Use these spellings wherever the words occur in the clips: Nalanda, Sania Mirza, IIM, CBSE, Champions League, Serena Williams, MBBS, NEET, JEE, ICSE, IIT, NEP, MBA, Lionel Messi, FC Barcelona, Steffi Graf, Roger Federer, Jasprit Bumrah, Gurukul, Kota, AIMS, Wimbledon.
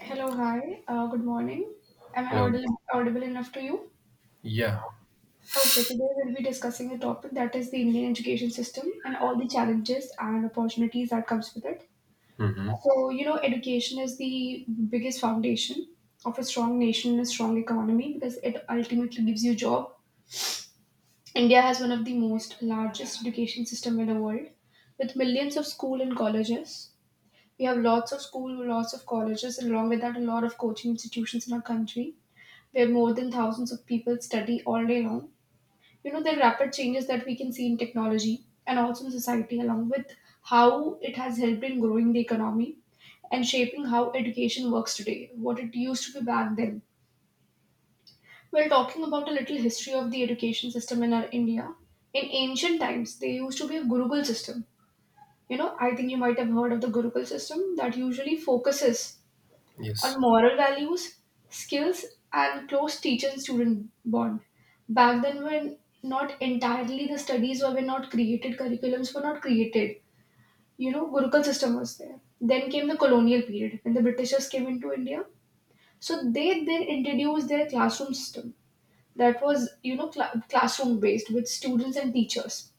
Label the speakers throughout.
Speaker 1: Hello, hi, good morning. Am I
Speaker 2: Hello.
Speaker 1: audible enough to you?
Speaker 2: Yeah.
Speaker 1: Okay, today we'll be discussing a topic that is the Indian education system and all the challenges and opportunities that comes with it.
Speaker 2: Mm-hmm.
Speaker 1: So, you know, education is the biggest foundation of a strong nation and a strong economy because it ultimately gives you job. India has one of the most largest education system in the world with millions of school and colleges. We have lots of school, lots of colleges, and along with that, a lot of coaching institutions in our country where more than thousands of people study all day long. You know, the rapid changes that we can see in technology and also in society, along with how it has helped in growing the economy and shaping how education works today, what it used to be back then. Well, talking about a little history of the education system in our India, in ancient times, there used to be a Gurukul system. You know, I think you might have heard of the Gurukul system that usually focuses
Speaker 2: Yes.
Speaker 1: on moral values, skills, and close teacher and student bond. Back then, when not entirely the studies were not created, curriculums were not created. You know, Gurukul system was there. Then came the colonial period when the Britishers came into India. So they then introduced their classroom system that was, you know, classroom based with students and teachers.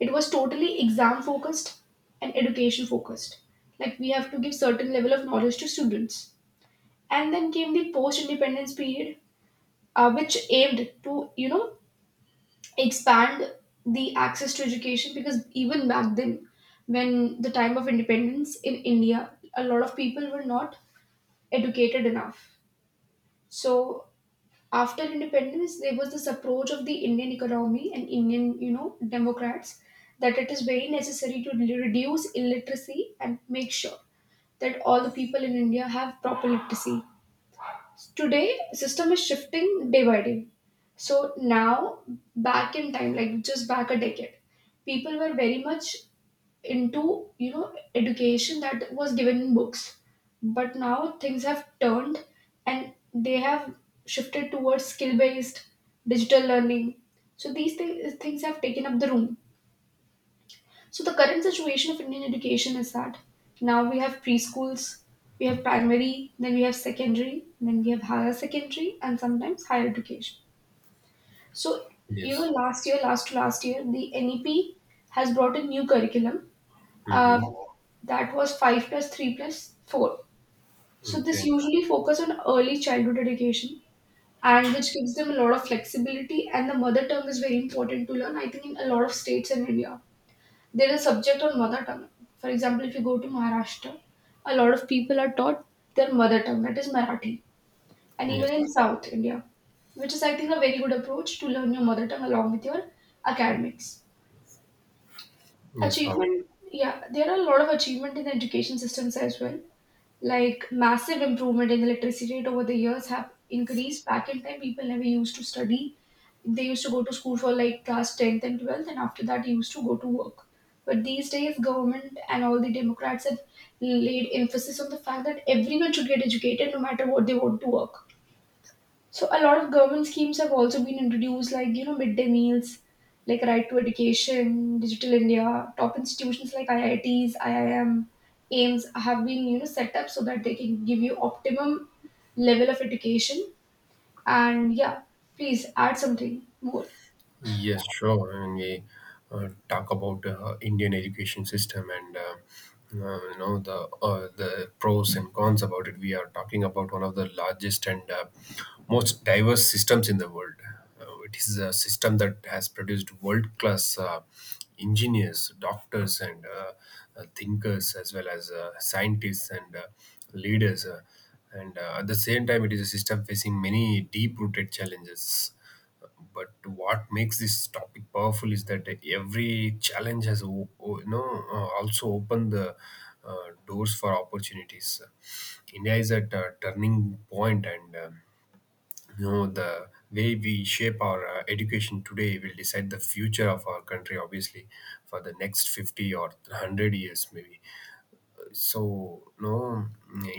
Speaker 1: It was totally exam focused and education focused. Like we have to give certain level of knowledge to students, and then came the post-independence period, which aimed to, you know, expand the access to education, because even back then, when the time of independence in India, a lot of people were not educated enough. So after independence, there was this approach of the Indian economy and Indian, you know, Democrats, that it is very necessary to reduce illiteracy and make sure that all the people in India have proper literacy. Today system is shifting day by day. So now, back in time, like just back a decade, people were very much into, you know, education that was given in books, but now things have turned and they have shifted towards skill based digital learning. So these things have taken up the room. So the current situation of Indian education is that now we have preschools, we have primary, then we have secondary, then we have higher secondary, and sometimes higher education. So you know,
Speaker 2: Yes.
Speaker 1: last year, last to last year, the NEP has brought a new curriculum, uh,
Speaker 2: Mm-hmm.
Speaker 1: that was 5+3+4. So this
Speaker 2: Okay.
Speaker 1: usually focus on early childhood education, and which gives them a lot of flexibility, and the mother tongue is very important to learn. I think in a lot of states in india there is a subject on mother tongue. For example, if you go to Maharashtra, a lot of people are taught their mother tongue, that is Marathi, and even
Speaker 2: Yes.
Speaker 1: in South India, which is, I think, a very good approach to learn your mother tongue along with your academics.
Speaker 2: Yes. How
Speaker 1: Achievement, yeah, there are a lot of achievement in the education systems as well. Like massive improvement in the literacy rate over the years have increased. Back in time, people never used to study, they used to go to school for like class 10th and 12th, and after that he used to go to work. But these days government and all the democrats have laid emphasis on the fact that everyone should get educated no matter what they want to work. So a lot of government schemes have also been introduced, like you know, midday meals, like right to education, digital india, top institutions like iits, iim, aims have been, you know, set up so that they can give you optimum level of education, and yeah, please add something more.
Speaker 2: Yes, sure. And we talk about Indian education system and the pros and cons about it. We are talking about one of the largest and most diverse systems in the world. It is a system that has produced world class engineers, doctors, and thinkers, as well as scientists and leaders. And At the same time, it is a system facing many deep rooted challenges, but what makes this topic powerful is that every challenge has also opened the doors for opportunities. India is at a turning point, and you know the way we shape our education today will decide the future of our country, obviously, for the next 50 or 100 years, maybe. So no,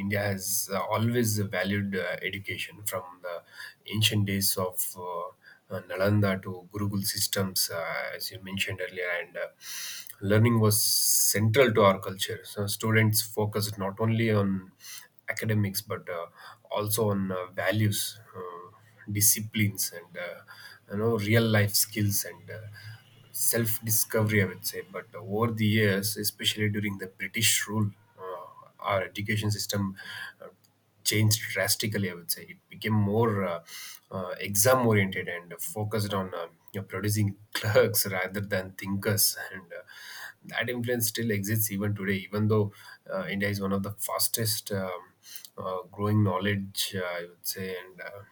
Speaker 2: India has always valued education from the ancient days of uh, Nalanda to Gurukul systems, as you mentioned earlier, and learning was central to our culture. So students focused not only on academics, but also on values, uh, disciplines, and real life skills, and self discovery, I would say. But over the years, especially during the British rule, uh, our education system uh, changed drastically, I would say. It became more exam oriented and focused on producing clerks rather than thinkers, and that influence still exists even today, even though India is one of the fastest growing knowledge, I would say. And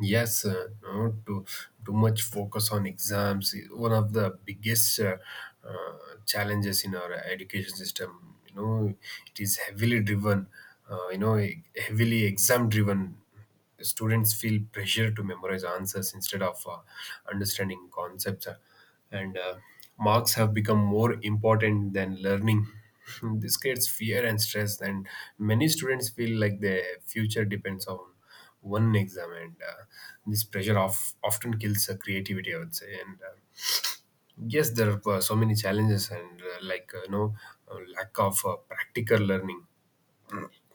Speaker 2: Yes, no, too much focus on exams is one of the biggest uh, challenges in our education system. You know, it is heavily driven, heavily exam driven. Students feel pressure to memorize answers instead of understanding concepts, and marks have become more important than learning. This creates fear and stress, and many students feel like their future depends on one exam, and this pressure of often kills creativity, I would say. And Yes, there are so many challenges, and lack of practical learning.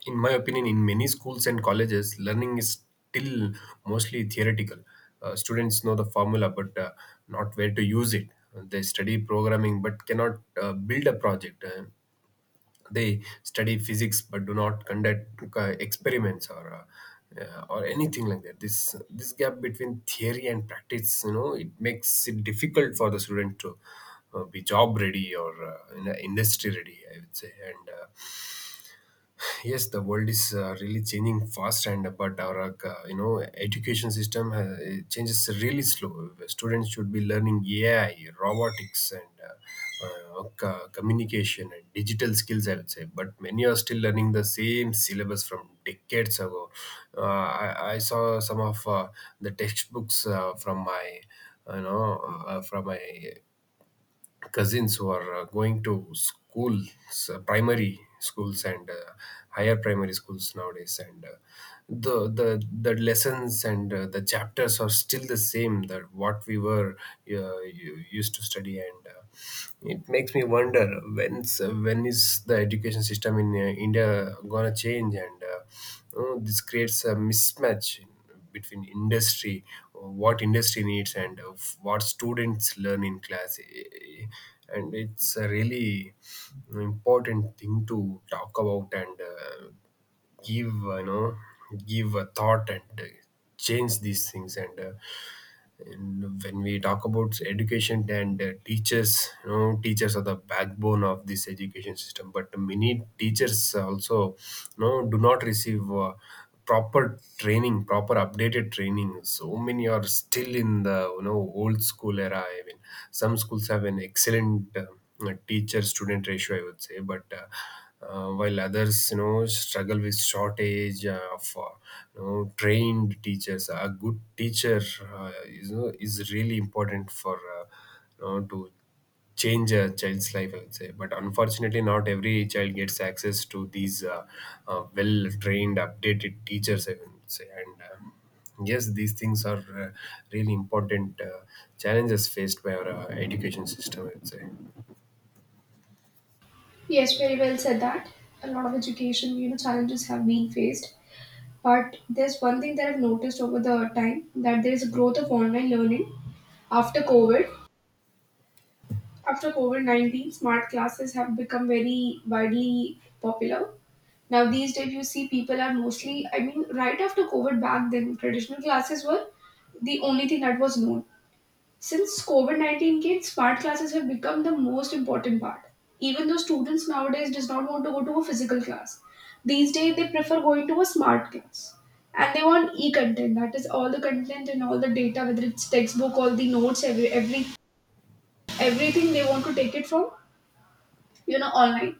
Speaker 2: In my opinion, in many schools and colleges, learning is still mostly theoretical. Students know the formula, but not where to use it. They study programming but cannot build a project. They study physics but do not conduct experiments or anything like that. This gap between theory and practice, you know, it makes it difficult for the student to be job ready or in industry ready, I would say. And Yes, the world is really changing fast, and but our education system, it changes really slow. Students should be learning AI, robotics, and communication and digital skills, I would say, but many are still learning the same syllabus from decades ago. I saw some of the textbooks from my you know from my cousins who are going to schools, primary schools, and higher primary schools nowadays, and the lessons and the chapters are still the same that what we were used to study, and it makes me wonder when is the education system in India gonna change, and you know, this creates a mismatch between industry, what industry needs, and what students learn in class. And it's a really important thing to talk about, and give, you know, give a thought, and change these things. And when we talk about education and teachers, you know, teachers are the backbone of this education system, but many teachers also, you know, do not receive proper training, proper updated training. So many are still in the, you know, old school era. I mean, some schools have an excellent like teacher student ratio, I would say, but while others, you know, struggle with shortage of trained teachers. A good teacher is, you know, is really important for to change a child's life, I would say. But unfortunately, not every child gets access to these well trained, updated teachers, I would say. And Yes, these things are really important challenges faced by our education system, I would say.
Speaker 1: Yes, very well said that. A lot of education, you know, challenges have been faced. But there's one thing that I've noticed over the time, that there is a growth of online learning after COVID. After COVID 19, smart classes have become very widely popular. Now, these days, you see people are mostly, I mean, right after COVID, back then, traditional classes were the only thing that was known. Since COVID 19 came, smart classes have become the most important part. Even though students nowadays does not want to go to a physical class. These days they prefer going to a smart class. And they want e-content, that is all the content and all the data, whether it's textbook, all the notes, every everything they want to take it from, you know, online.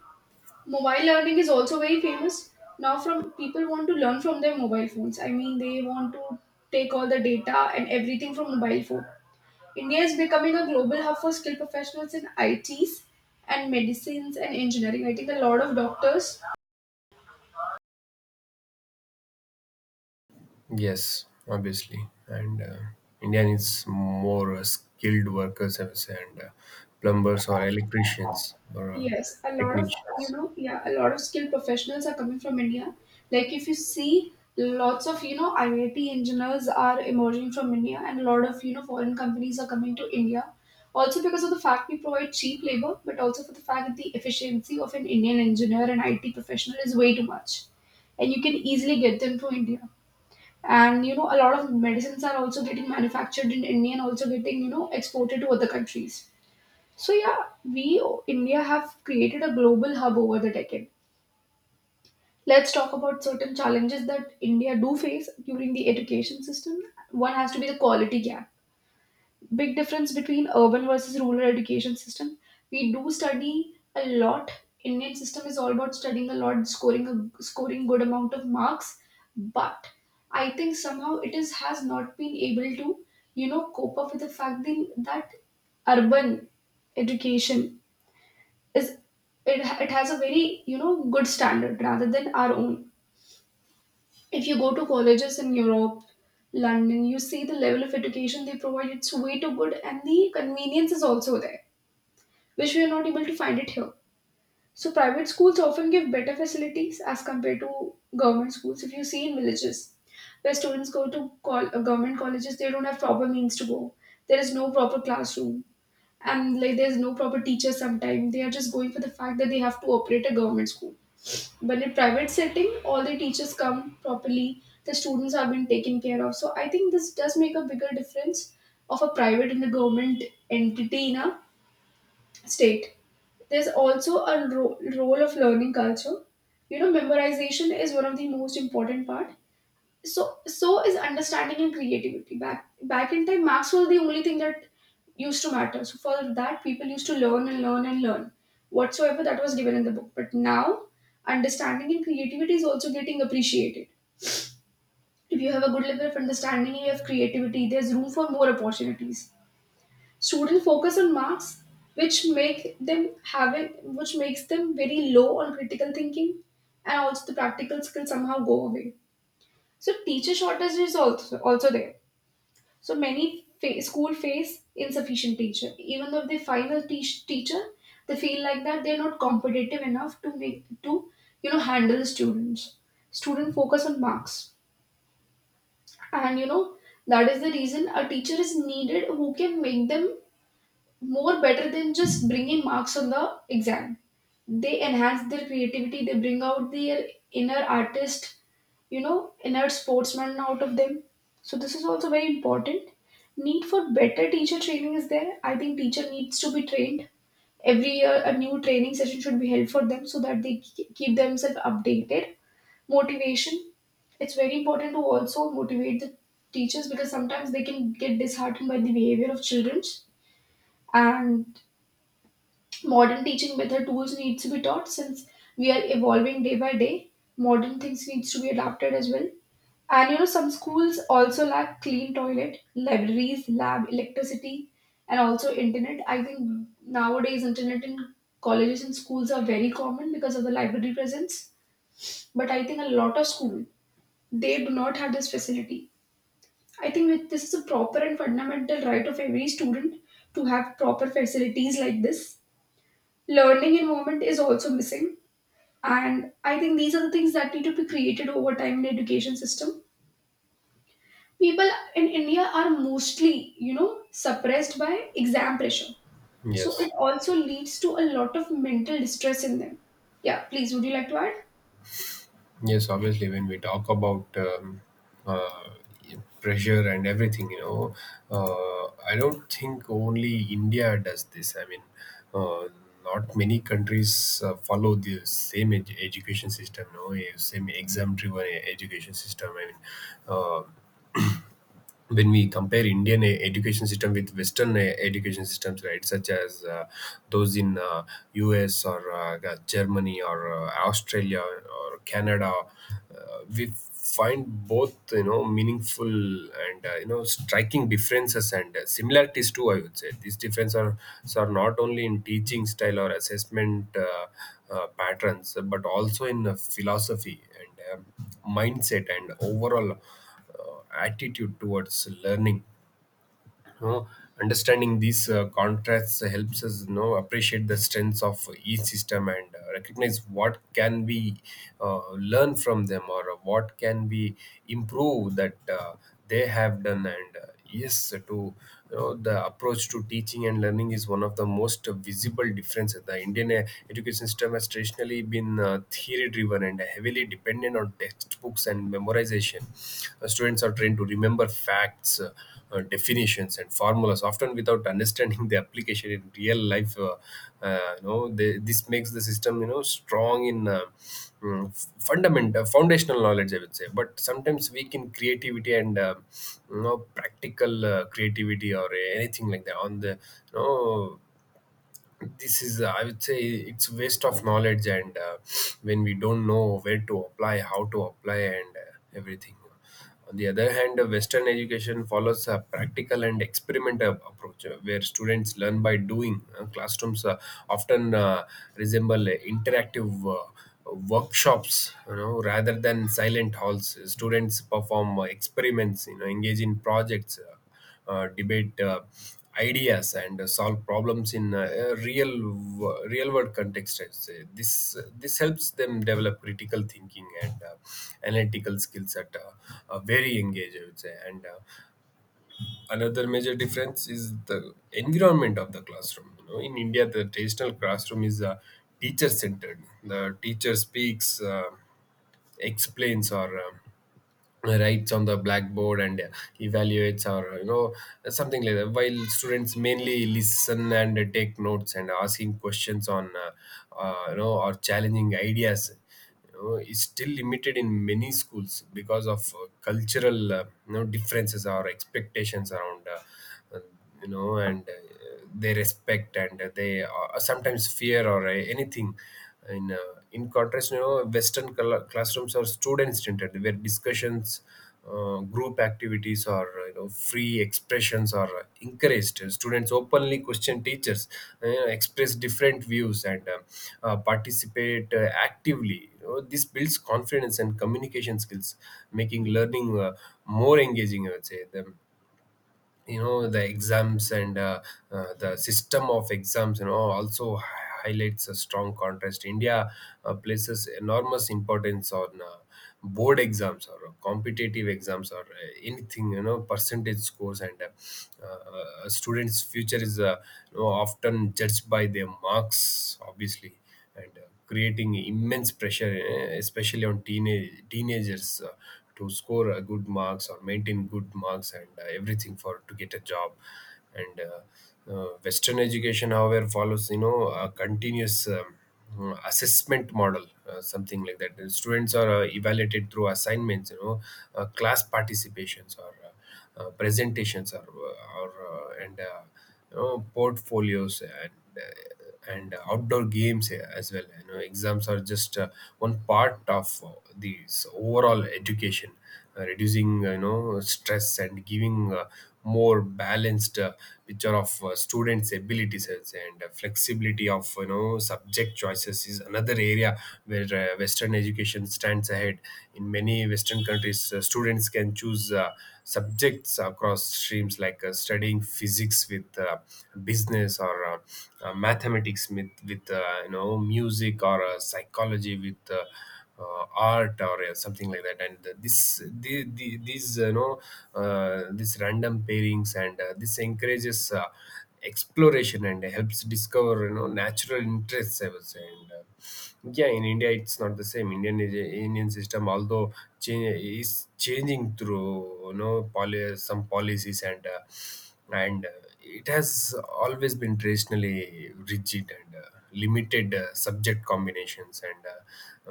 Speaker 1: Mobile learning is also very famous. Now from people want to learn from their mobile phones. I mean they want to take all the data and everything from mobile phone. India is becoming a global hub for skilled professionals in ITs and medicines and engineering. I think a lot of doctors,
Speaker 2: Yes, obviously, and India needs more skilled workers, I would say, and plumbers or electricians or
Speaker 1: yes, a lot of, you
Speaker 2: technicians.
Speaker 1: know, yeah, a lot of skilled professionals are coming from India. Like if you see, lots of, you know, IIT engineers are emerging from India, and a lot of, you know, foreign companies are coming to India. Also because of the fact we provide cheap labor, but also for the fact that the efficiency of an Indian engineer and IT professional is way too much. And you can easily get them to India. And you know, a lot of medicines are also getting manufactured in india and also getting, you know, exported to other countries. So yeah, we, india have created a global hub over the decade. Let's talk about certain challenges that india do face during the education system. One has to be the quality gap, big difference between urban versus rural education system. We do study a lot. Indian system is all about studying a lot, scoring, a scoring good amount of marks. But I think somehow it is has not been able to, you know, cope up with the fact that urban education is, it, it has a very, you know, good standard rather than our own. If you go to colleges in Europe, London, you see the level of education they provide. It's way too good, and the convenience is also there, which we are not able to find it here. So, private schools often give better facilities as compared to government schools. If you see in villages, where students go to government colleges, they don't have proper means to go. There is no proper classroom, and like there's no proper teacher. Sometimes they are just going for the fact that they have to operate a government school. But in private setting, all the teachers come properly, the students have been taken care of. So I think this does make a bigger difference of a private and a government entity in a state. There's also a role of learning culture. You know, memorization is one of the most important part, so so is understanding and creativity. Back in time marks were the only thing that used to matter, so for that people used to learn and learn and learn whatsoever that was given in the book, but now understanding and creativity is also getting appreciated. If you have a good level of understanding and you have creativity, there's room for more opportunities. Students focus on marks, which make them having which makes them very low on critical thinking, and also the practical skills somehow go away. So teacher shortage is also there. So many school face insufficient teacher. Even though they find a teacher, they feel like that they're not competitive enough to make to, you know, handle the students. Student focus on marks, and you know that is the reason a teacher is needed who can make them more better than just bringing marks on the exam. They enhance their creativity. They bring out their inner artist, you know, inert sportsmen out of them. So this is also very important. Need for better teacher training is there. I think teacher needs to be trained. Every year a new training session should be held for them so that they keep themselves updated. Motivation. It's very important to also motivate the teachers, because sometimes they can get disheartened by the behavior of children. And modern teaching method tools needs to be taught. Since we are evolving day by day, modern things needs to be adapted as well. And you know, some schools also lack clean toilet, libraries, lab electricity, and also internet. I think nowadays internet in colleges and schools are very common because of the library presence. But I think a lot of school, they do not have this facility. I think that this is a proper and fundamental right of every student to have proper facilities like this. Learning environment is also missing, and I think these are the things that need to be created over time in the education system. People in India are mostly you know suppressed by exam pressure, so
Speaker 2: Yes,
Speaker 1: it also leads to a lot of mental distress in them. Yeah, please, would you like to add?
Speaker 2: yes, obviously, when we talk about uh, pressure and everything, you know, I don't think only India does this. I mean, uh, not many countries follow the same education system, no, same exam-driven education system. I mean, uh, when we compare Indian education system with Western education systems, right, such as those in US or Germany or Australia or Canada, we find both, you know, meaningful and you know striking differences and similarities too. I would say these differences are not only in teaching style or assessment patterns, but also in philosophy and mindset and overall attitude towards learning. You know, understanding these contrasts helps us, you know, appreciate the strengths of each system, and recognize what can we learn from them or what can we improve that they have done. And Yes, to, you know, the approach to teaching and learning is one of the most visible differences. The Indian education system has traditionally been theory driven and heavily dependent on textbooks and memorization. Students are trained to remember facts, definitions, and formulas, often without understanding the application in real life. You know, they, this makes the system, you know, strong in mm, fundamental foundational knowledge, I would say, but sometimes weak in creativity and you know practical creativity or anything like that. On the You know, this is, I would say, it's waste of knowledge, and when we don't know where to apply, how to apply, and everything. On the other hand, western education follows a practical and experimental approach, where students learn by doing. Classrooms often resemble interactive uh, workshops, you know, rather than silent halls. Students perform experiments, you know, engage in projects, debate ideas, and solve problems in a real real world context, I'd say. This helps them develop critical thinking and analytical skills at a very young age, I would say. And Another major difference is the environment of the classroom. You know, in India, the traditional classroom is teacher centered. The teacher speaks, explains, or writes on the blackboard, and evaluates or, you know, something like that, while students mainly listen and take notes, and asking questions on or challenging ideas, you know, is still limited in many schools because of cultural, you know, differences or expectations around uh, you know, and they respect and they sometimes fear or anything. In contrast, you know, western classrooms are student centered, where discussions, group activities, or, you know, free expressions are encouraged. Students openly question teachers, you express different views, and participate actively. You know, this builds confidence and communication skills, making learning more engaging, I would say. The you know The exams and the system of exams, you know, also highlights a strong contrast. India places enormous importance on board exams or competitive exams or anything, you know, percentage scores, and a student's future is you know, often judged by their marks, obviously, and creating immense pressure, especially on teenagers, to score good marks or maintain good marks, and everything for to get a job. And Western education, however, follows, you know, a continuous assessment model, something like that. The students are evaluated through assignments, you know, class participations, or presentations, or and you know, portfolios, and outdoor games as well. You know, exams are just one part of this overall education, reducing, you know, stress, and giving more balanced picture of students' abilities, as- and flexibility of, you know, subject choices is another area where Western education stands ahead. In many Western countries, students can choose subjects across streams, like studying physics with business, or mathematics with music, or psychology with art, or something like that. And these you know these random pairings, and this encourages exploration and helps discover natural interests, I would say. And yeah, in India it's not the same. Indian system although change is changing through some policies. And it has always been traditionally rigid, and limited subject combinations, and uh,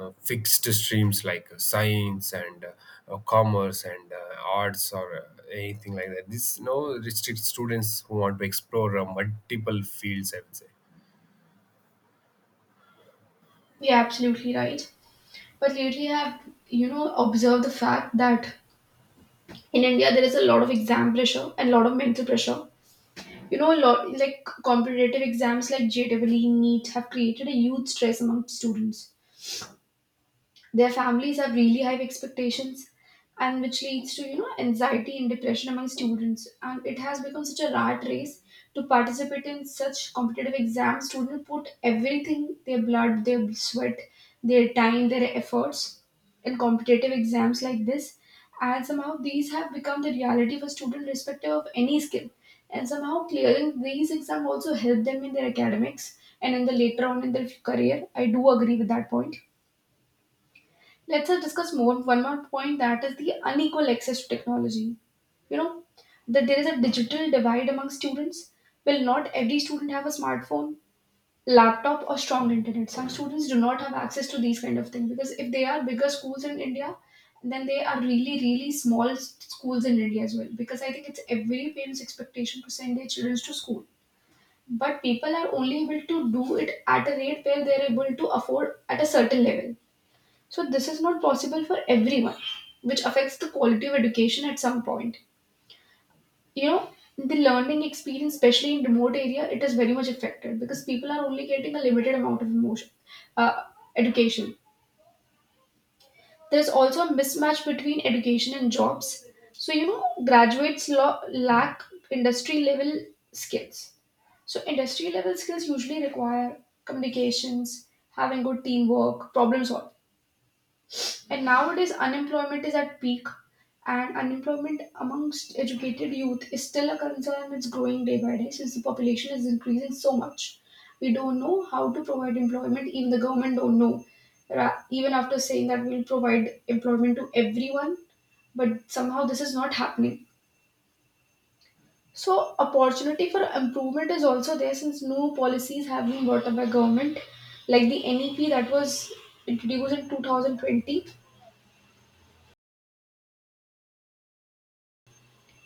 Speaker 2: uh, fixed streams like science, and commerce, and arts, or anything like that. This no restrict students who want to explore multiple fields, I would say.
Speaker 1: Yeah, absolutely right. But lately, I've observed the fact that in India there is a lot of exam pressure and a lot of mental pressure. A lot, like competitive exams like JEE, NEET have created a huge stress among students. Their families have really high expectations, and which leads to anxiety and depression among students. And it has become such a rat race to participate in such competitive exams. Students put everything, their blood, their sweat, their time, their efforts in competitive exams like this. And somehow these have become the reality for students irrespective of any skill. And somehow clearing these exams also help them in their academics and in the later on in their career. I do agree with that point. Let's discuss more one more point that is the unequal access to technology. You know that there is a digital divide among students. Well, not every student have a smartphone, laptop, or strong internet. Some students do not have access to these kind of things because if they are bigger schools in India, then they are really really small schools in India as well. Because I think it's every parent's expectation to send their children to school, but people are only able to do it at a rate where they are able to afford at a certain level, so this is not possible for everyone, which affects the quality of education at some point. You know, the learning experience, especially in remote area, it is very much affected because people are only getting a limited amount of emotion, uh, education. There is also a mismatch between education and jobs. So graduates lack industry level skills. So industry level skills usually require communications, having good teamwork, problem solving. And nowadays, unemployment is at peak, and unemployment amongst educated youth is still a concern that's growing day by day since the population is increasing so much. We don't know how to provide employment, even the government don't know. Even after saying that we'll provide employment to everyone, but somehow this is not happening. So opportunity for improvement is also there since no policies have been brought up by government, like the NEP that was introduced in 2020.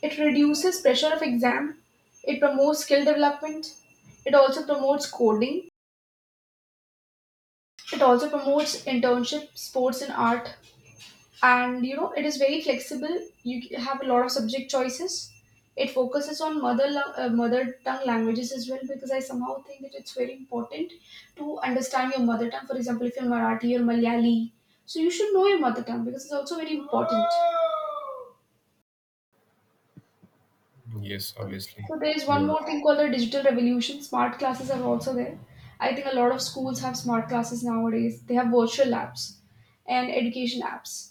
Speaker 1: It reduces pressure of exam. It promotes skill development. It also promotes coding. It also promotes internship, sports and art. And it is very flexible. You have a lot of subject choices. It focuses on mother tongue languages as well because I somehow think that it's very important to understand your mother tongue. For example, if you're Marathi or Malayali, so you should know your mother tongue because it's also very important.
Speaker 2: Yes, obviously.
Speaker 1: So there is one
Speaker 2: Yeah.
Speaker 1: more thing called the digital revolution. Smart classes are also there. I think a lot of schools have smart classes nowadays. They have virtual labs and education apps.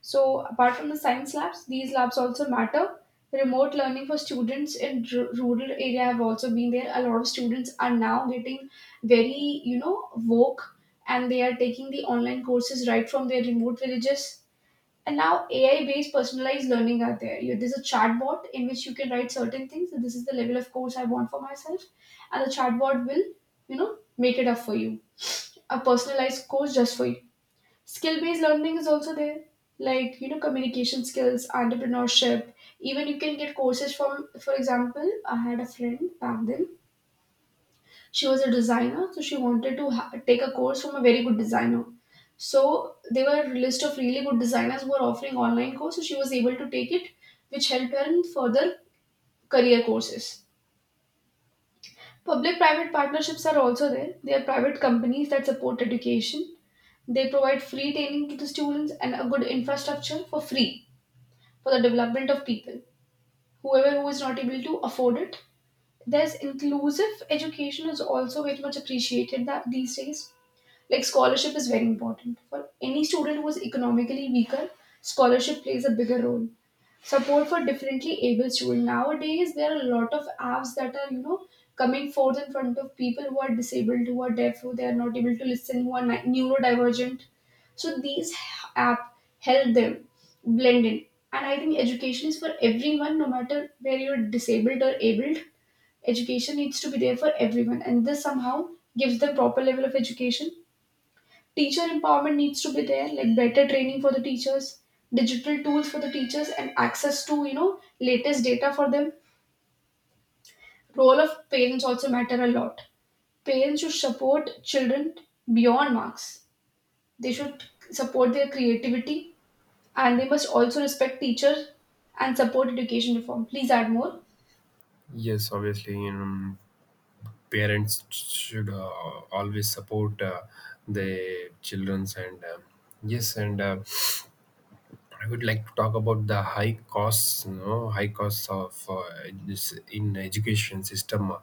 Speaker 1: So apart from the science labs, these labs also matter. Remote learning for students in rural area have also been there. A lot of students are now getting very woke, and they are taking the online courses right from their remote villages, and now AI based personalized learning are there. You, there's a chatbot in which you can write certain things. So this is the level of course I want for myself. And the chatbot will, make it up for you. A personalized course just for you. Skill based learning is also there. Like, communication skills, entrepreneurship. Even you can get courses from, for example, I had a friend back then. She was a designer, so she wanted to take a course from a very good designer, so they were a list of really good designers who were offering online course, so she was able to take it, which helped her in further career courses. Public private partnerships are also there. They are private companies that support education. They provide free training to the students and a good infrastructure for free for the development of people whoever who is not able to afford it. There's inclusive education is also very much appreciated that these days. Like scholarship is very important for any student who is economically weaker. Scholarship plays a bigger role. Support for differently able students nowadays, there are a lot of apps that are coming forth in front of people who are disabled, who are deaf, who they are not able to listen, who are neurodivergent. So these app help them blend in. And I think education is for everyone, no matter where you're disabled or abled. Education needs to be there for everyone, and this somehow gives them proper level of education. Teacher empowerment needs to be there, like better training for the teachers, digital tools for the teachers, and access to latest data for them. Role of parents also matter a lot. Parents should support children beyond marks. They should support their creativity, and they must also respect teachers and support education reform. Please add more.
Speaker 2: Yes, obviously, parents should always support the childrens. And yes, and I would like to talk about the high costs, high costs of this in education system. Uh,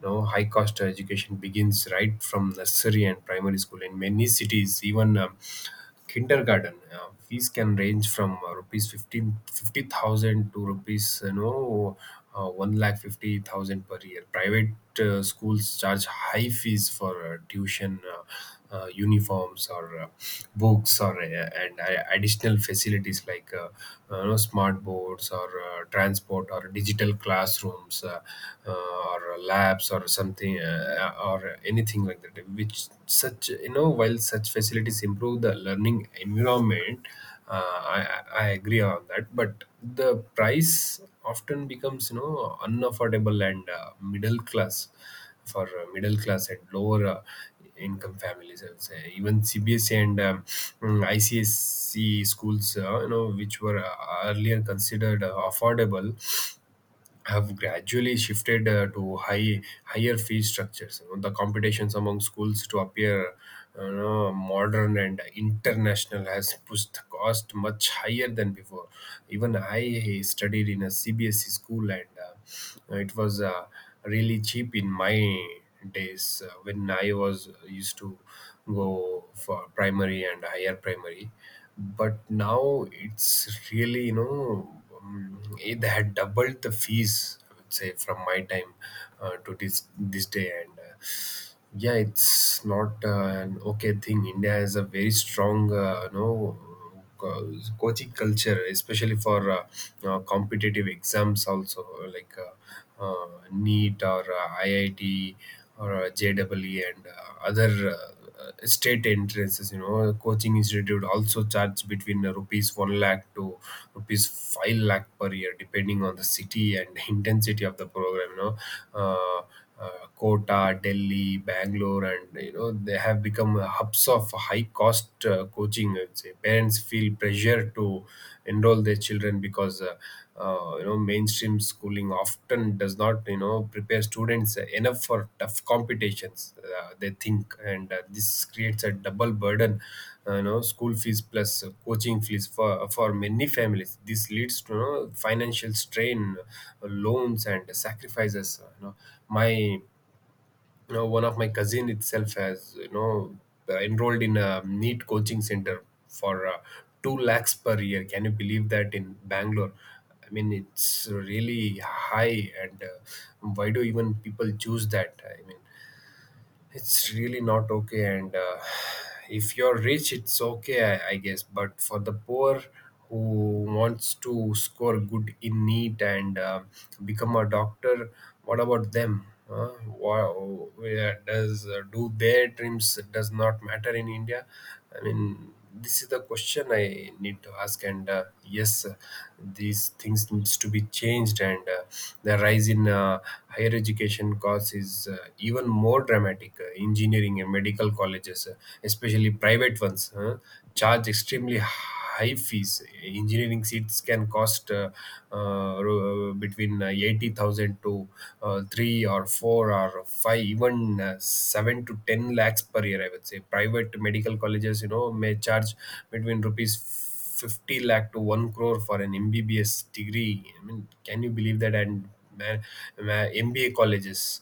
Speaker 2: You know, High cost education begins right from nursery and primary school in many cities. Even kindergarten fees can range from rupees 15 50000 to rupees 1 lakh 50,000 per year. Private schools charge high fees for tuition, uniforms, or books, or and additional facilities like smart boards, or transport, or digital classrooms, uh, or labs, or something, or anything like that. Which such you know While such facilities improve the learning environment, I agree on that, but the price often becomes, unaffordable, and middle class for middle class and lower income families, I would say. Even CBSE and ICSE schools, which were earlier considered affordable, have gradually shifted to higher fee structures. The competitions among schools to appear modern and international has pushed the cost much higher than before. Even I studied in a CBSE school, and it was really cheap in my days when I was used to go for primary and higher primary. But now it's really, it had doubled the fees, I would say, from my time to this day. And yeah, it's not an okay thing. India has a very strong, coaching culture, especially for competitive exams also, like neat, or iit, or jwe, and other state entrances. Coaching institute also charge between rupees 1 lakh to rupees 5 lakh per year, depending on the city and intensity of the program. Uh, Kota, Delhi, Bangalore, and they have become hubs of high cost coaching. I'd say parents feel pressure to enroll their children because mainstream schooling often does not prepare students enough for tough competitions, they think. And this creates a double burden, school fees plus coaching fees. For many families this leads to, financial strain, loans and sacrifices. My you know One of my cousin itself has enrolled in a neat coaching center for 2 lakhs per year. Can you believe that? In Bangalore. I mean, it's really high. And why do even people choose that? I mean, it's really not okay. And if you're rich, it's okay, I guess, but for the poor who wants to score good in NEET and become a doctor, what about them, huh? Wow. where does Do their dreams does not matter in India? I mean, this is the question I need to ask. And yes, these things needs to be changed. And the rise in higher education costs is even more dramatic. Engineering and medical colleges, especially private ones, charge extremely high fees. Engineering seats can cost, between 80,000 to 3 or 4 or 5, even 7 to 10 lakhs per year, I would say. Private medical colleges may charge between rupees 50 lakh to 1 crore for an MBBS degree. I mean, can you believe that? And man, MBA colleges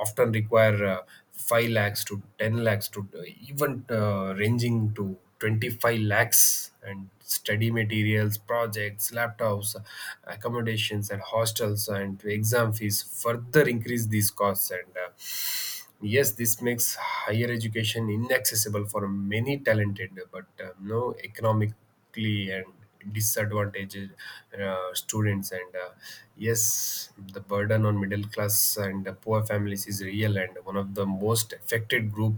Speaker 2: often require 5 lakhs to 10 lakhs, to even ranging to 25 lakhs. And study materials, projects, laptops, accommodations and hostels, and exam fees further increase these costs. And yes, this makes higher education inaccessible for many talented but no economically and disadvantaged students. And yes, the burden on middle class and poor families is real, and one of the most affected group.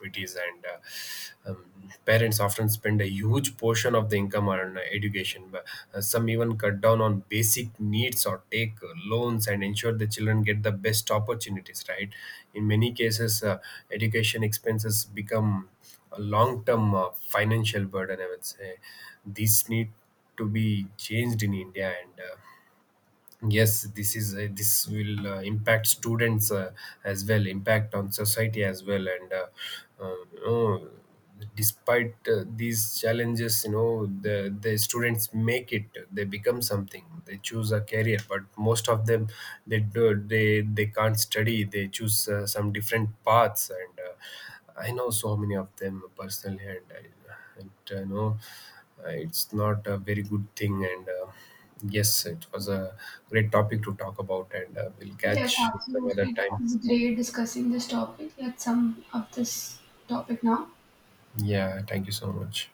Speaker 2: PTs and parents often spend a huge portion of the income on education. But, some even cut down on basic needs or take loans and ensure the children get the best opportunities, right? In many cases, education expenses become a long-term financial burden, I would say. This need to be changed in India and. Yes, this is this will impact students as well, impact on society as well. And uh, you know, despite these challenges, the students make it. They become something, they choose a career. But most of them, they can't study, they choose some different paths. And I know so many of them personally, and I, it know it's not a very good thing. And yes, it was a great topic to talk about, and we'll
Speaker 1: Yes,
Speaker 2: catch some other
Speaker 1: absolutely.
Speaker 2: time.
Speaker 1: It's great discussing this topic. Let's sum up this topic now.
Speaker 2: Yeah, thank you so much.